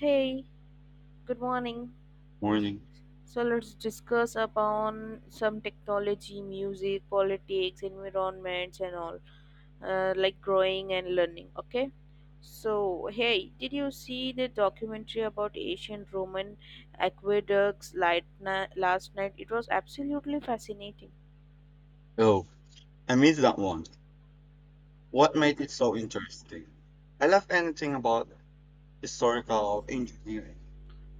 Hey, good morning. Morning. So let's discuss upon some technology, music, politics, environments, and all, like growing and learning. Okay. So hey, did you see the documentary about ancient Roman aqueducts last night? It was absolutely fascinating. Oh, I missed that one. What made it so interesting? I love anything about historical engineering.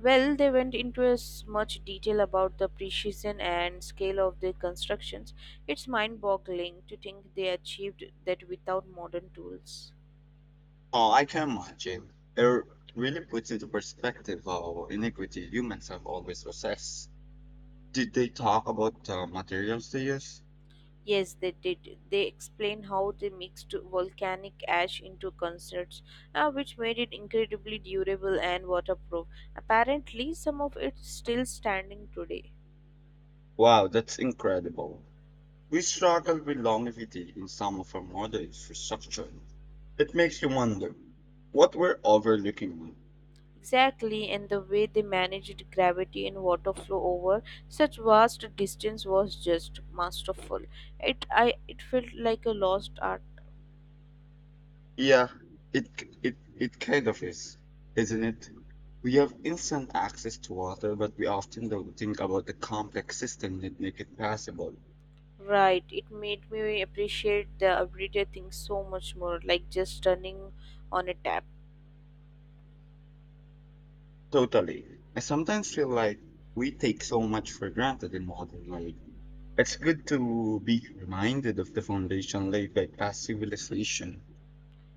Well, they went into as much detail about the precision and scale of their constructions. It's mind-boggling to think they achieved that without modern tools. Oh, I can imagine. Really puts into perspective how iniquity humans have always possessed. Did they talk about the materials they use? Yes, they did. They explain how they mixed volcanic ash into concerts, which made it incredibly durable and waterproof. Apparently, some of it's still standing today. Wow, that's incredible. We struggle with longevity in some of our modern infrastructure. It makes you wonder what we're overlooking. Exactly, and the way they managed gravity and water flow over such vast distance was just masterful. It felt like a lost art. Yeah, it k- it kind of is, isn't it? We have instant access to water, but we often don't think about the complex system that make it possible. Right, it made me appreciate the everyday things so much more, like just turning on a tap. Totally. I sometimes feel like we take so much for granted in modern life. It's good to be reminded of the foundation laid by past civilization.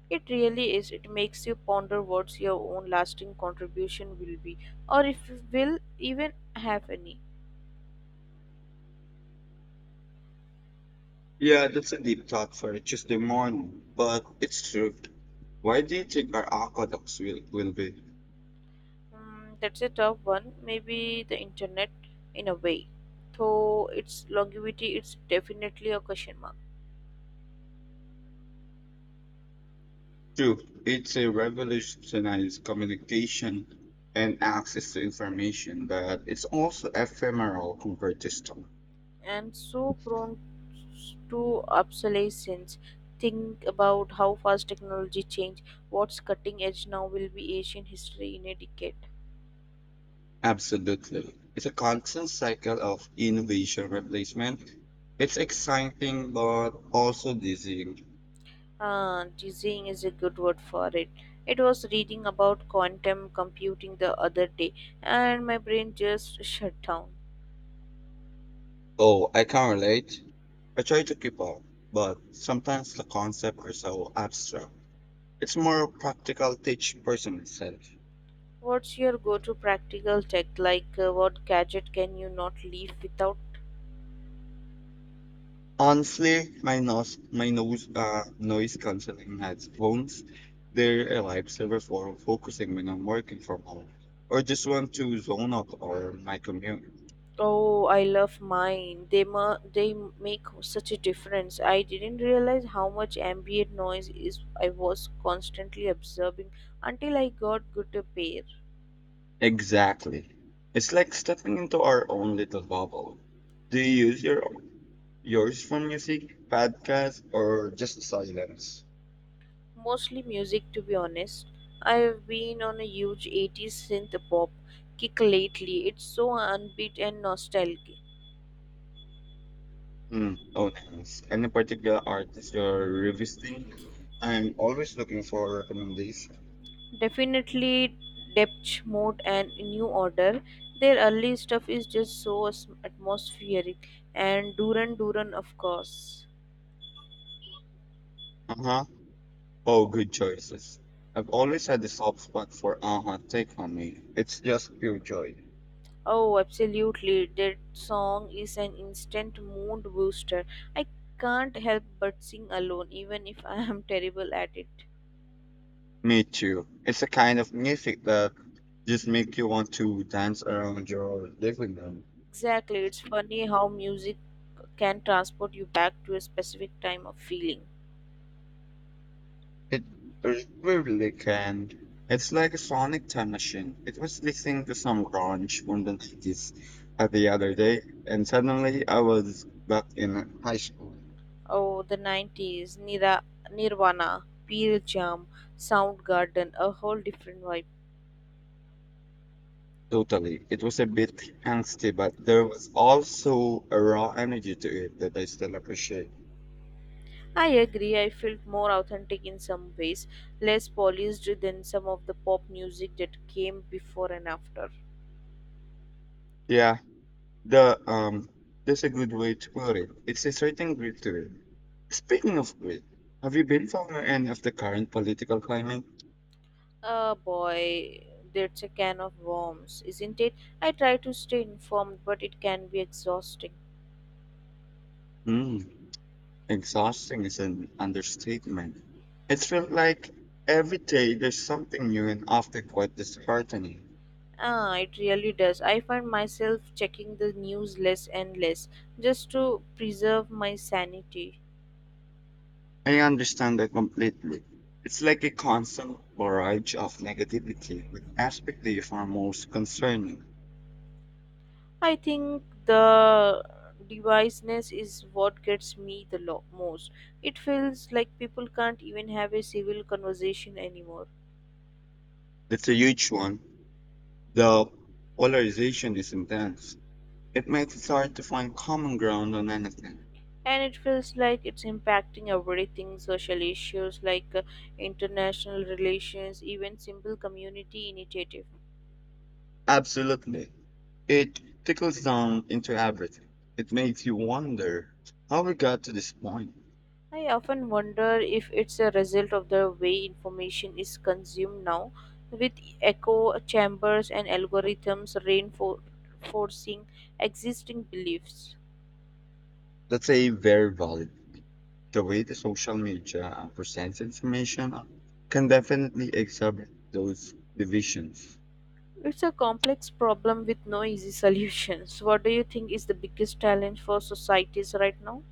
It really is. It makes you ponder what your own lasting contribution will be, or if you will even have any. Yeah, that's a deep thought for a Tuesday morning, but it's true. Why do you think our aqueducts will be? Hmm, that's a tough one. Maybe the internet, in a way, though its longevity is definitely a question mark, True, it's a revolutionized communication and access to information, but it's also ephemeral compared to stone. and so prone to obsolescence. Think about how fast technology changed. What's cutting edge now will be ancient history in a decade. Absolutely. It's a constant cycle of innovation replacement. It's exciting, but also dizzying. Teasing is a good word for it. It was reading about quantum computing the other day, and my brain just shut down. Oh, I can relate. I try to keep up, but sometimes the concepts are so abstract. It's more practical to each person itself. What's your go to practical tech? Like, what gadget can you not leave without? Honestly, my noise canceling headphones, they're a lifesaver for focusing when I'm working from home or just want to zone out on my commute. Oh, I love mine. They make such a difference. I didn't realize how much ambient noise is I was constantly absorbing until I got good a pair. Exactly. It's like stepping into our own little bubble. Do you use yours for music, podcast, or just silence? Mostly music, to be honest. I've been on a huge 80s synth pop kick lately. It's so upbeat and nostalgic. Hmm. Oh, nice. Any particular artist you're revisiting? I'm always looking for recommendations. Definitely Depth Mode and New Order. Their early stuff is just so atmospheric. And Duran Duran, of course. Uh huh. Oh, good choices. I've always had a soft spot for Aha Take On Me. It's just pure joy. Oh, absolutely. That song is an instant mood booster. I can't help but sing alone, even if I am terrible at it. Me too. It's a kind of music that just make you want to dance around your living room. Exactly. It's funny how music can transport you back to a specific time of feeling. It really can. It's like a sonic time machine. It was listening to some grunge from the 90s the other day, and suddenly I was back in high school. Oh, the 90s, Nirvana, Pearl Jam, Soundgarden, a whole different vibe. Totally. It was a bit angsty, but there was also a raw energy to it that I still appreciate. I agree, I felt more authentic in some ways, less polished than some of the pop music that came before and after. Yeah, the that's a good way to put it. It's a certain grit to it. Speaking of grit, have you been following any of the current political climate? Oh boy, that's a can of worms, isn't it? I try to stay informed, but it can be exhausting. Hmm. Exhausting is an understatement. It felt like every day there's something new and often quite disheartening. Ah, it really does. I find myself checking the news less and less just to preserve my sanity. I understand that completely. It's like a constant barrage of negativity with aspect that you find most concerning. I think the deviceness is what gets me the most. It feels like people can't even have a civil conversation anymore. It's a huge one. The polarization is intense. It makes it hard to find common ground on anything. And it feels like it's impacting everything social issues like international relations, even simple community initiative. Absolutely. It tickles down into everything. It makes you wonder how we got to this point. I often wonder if it's a result of the way information is consumed now, with echo chambers and algorithms reinforcing existing beliefs. That's a very valid point. The way the social media presents information can definitely exacerbate those divisions. It's a complex problem with no easy solutions. What do you think is the biggest challenge for societies right now?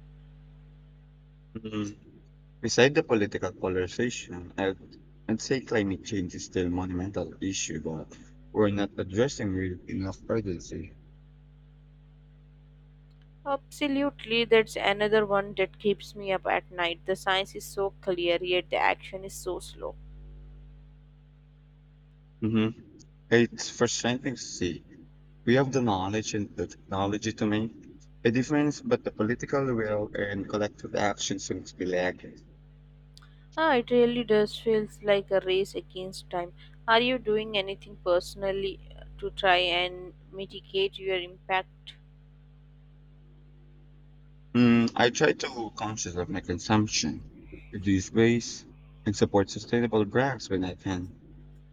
Mm. Beside the political polarization, I'd say climate change is still a monumental issue that we're not addressing with enough urgency. Absolutely, that's another one that keeps me up at night. The science is so clear, yet the action is so slow. Hmm. It's frustrating to see. We have the knowledge and the technology to make a difference, but the political will and collective actions seems to be lacking. Ah, it really does feels like a race against time. Are you doing anything personally to try and mitigate your impact? Mm, I try to conscious of my consumption, reduce waste, and support sustainable brands when I can.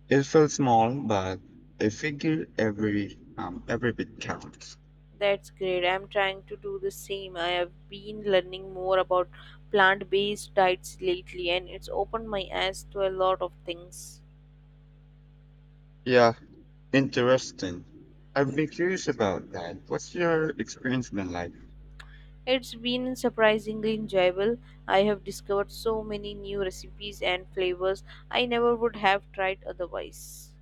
It feels small, but I figure every bit counts. That's great. I'm trying to do the same. I have been learning more about plant-based diets lately and it's opened my eyes to a lot of things. Yeah, interesting. I've been curious about that. What's your experience been like? It's been surprisingly enjoyable. I have discovered so many new recipes and flavors I never would have tried otherwise.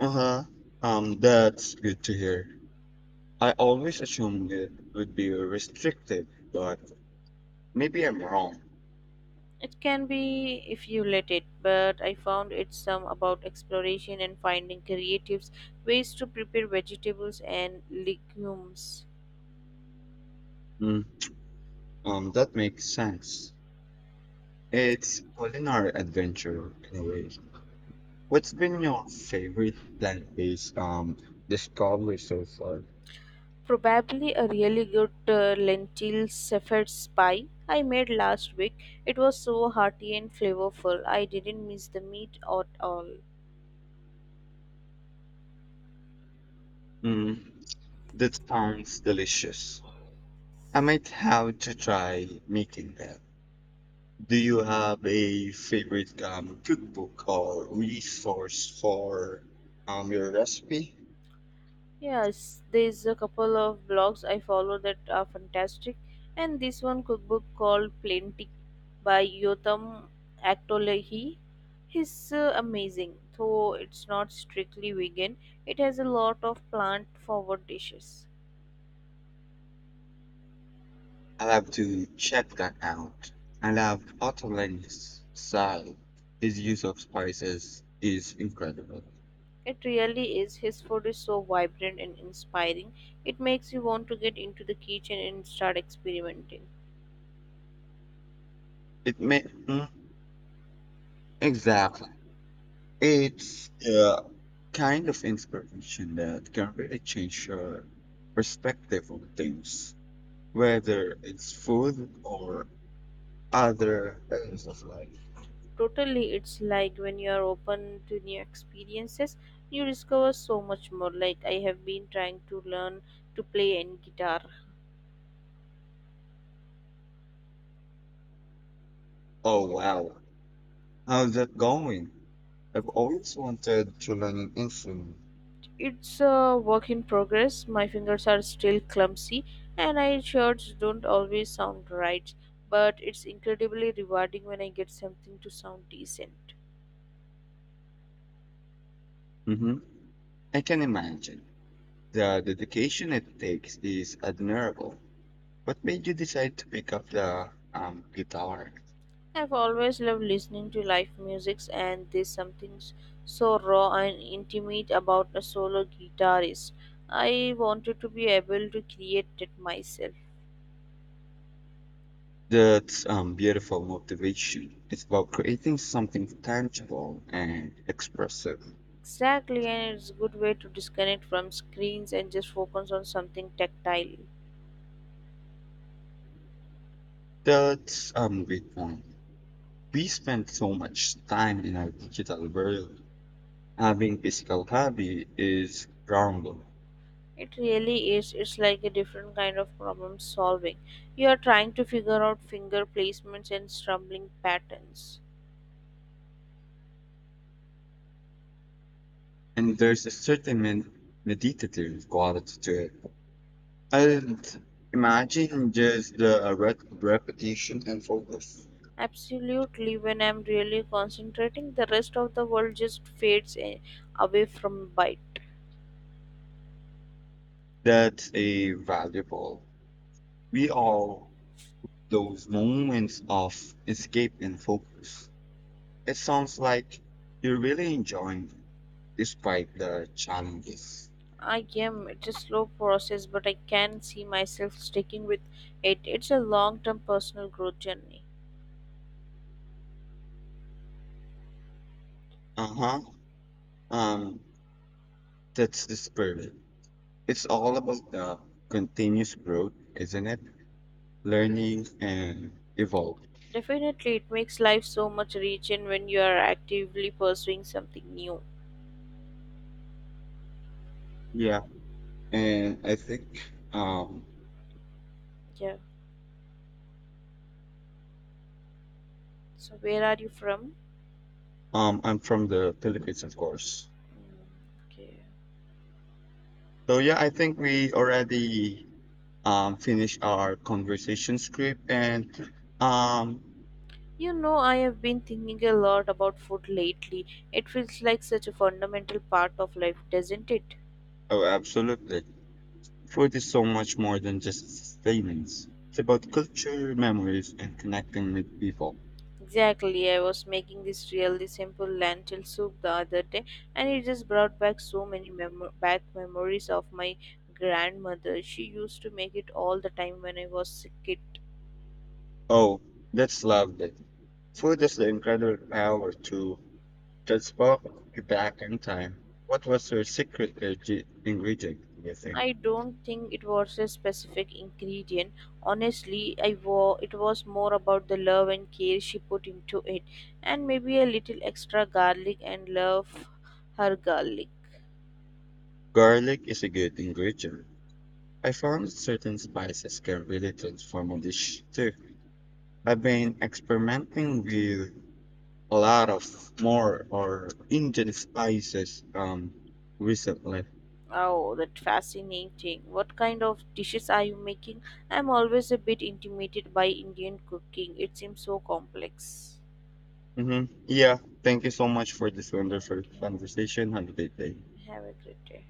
Uh huh. That's good to hear. I always assumed it would be restricted, but maybe I'm wrong. It can be if you let it, but I found it some about exploration and finding creative ways to prepare vegetables and legumes. Mm, that makes sense. It's culinary adventure in a way. What's been your favorite plant-based discovery so far? Probably a really good lentil shepherd's pie I made last week. It was so hearty and flavorful. I didn't miss the meat at all. Mm, that sounds delicious. I might have to try making that. Do you have a favorite cookbook or resource for your recipe? Yes, there's a couple of blogs I follow that are fantastic, and this one cookbook called Plenty by Yotam Aktolehi. Is amazing, though it's not strictly vegan. It has a lot of plant-forward dishes. I'll have to check that out. I love Ottolen's style. His use of spices is incredible. It really is. His food is so vibrant and inspiring. It makes you want to get into the kitchen and start experimenting. It may. Hmm? Exactly. It's yeah, kind of inspiration that can really change your perspective on things, whether it's food or other areas of life. Totally, it's like when you are open to new experiences, you discover so much more. Like I have been trying to learn to play any guitar. Oh wow, how's that going? I've always wanted to learn an instrument. It's a work in progress. My fingers are still clumsy and I shirts don't always sound right, but it's incredibly rewarding when I get something to sound decent. Hmm, I can imagine the dedication it takes is admirable. What made you decide to pick up the guitar? I've always loved listening to live music, and there's so raw and intimate about a solo guitarist. I wanted to be able to create it myself. That's beautiful motivation. It's about creating something tangible and expressive. Exactly, and it's a good way to disconnect from screens and just focus on something tactile. That's great point. We spend so much time in our digital world. Having physical hobby is grounding, It really is. It's like a different kind of problem solving. You are trying to figure out finger placements and strumming patterns. and there's a certain meditative quality to it. And imagine just the repetition and focus. Absolutely, when I'm really concentrating, the rest of the world just away from bite. That's a valuable. We all those moments of escape and focus. It sounds like you're really enjoying it despite the challenges. I am. It's a slow process, but I can see myself sticking with it. It's a long term personal growth journey. Uh huh. Um, that's the spirit. It's all about the continuous growth, isn't it? Learning and evolve. Definitely, it makes life so much rich, and when you are actively pursuing something new. Yeah. And I think um, Yeah. So, where are you from? I'm from the Philippines, of course. Mm, okay. So yeah, I think we already finished our conversation script and um, You know, I have been thinking a lot about food lately. It feels like such a fundamental part of life, doesn't it? Oh, absolutely. Food is so much more than just sustenance. It's about culture, memories, and connecting with people. Exactly, I was making this really simple lentil soup the other day, and it just brought back so many memories of my grandmother. She used to make it all the time when I was a kid. Oh, that's lovely. Food has the incredible power to transport you back in time. What was your ingredient, do you think? I don't think it was a specific ingredient. Honestly, it was more about the love and care she put into it, and maybe a little extra garlic and love her garlic. Garlic is a good ingredient. I found certain spices can really transform a dish too. I've been experimenting with a lot of more or Indian spices recently. Oh, that fascinating. What kind of dishes are you making? I'm always a bit intimidated by Indian cooking. It seems so complex. Hmm. Yeah, thank you so much for this wonderful Thank you. conversation. Have a great day. Have a great day.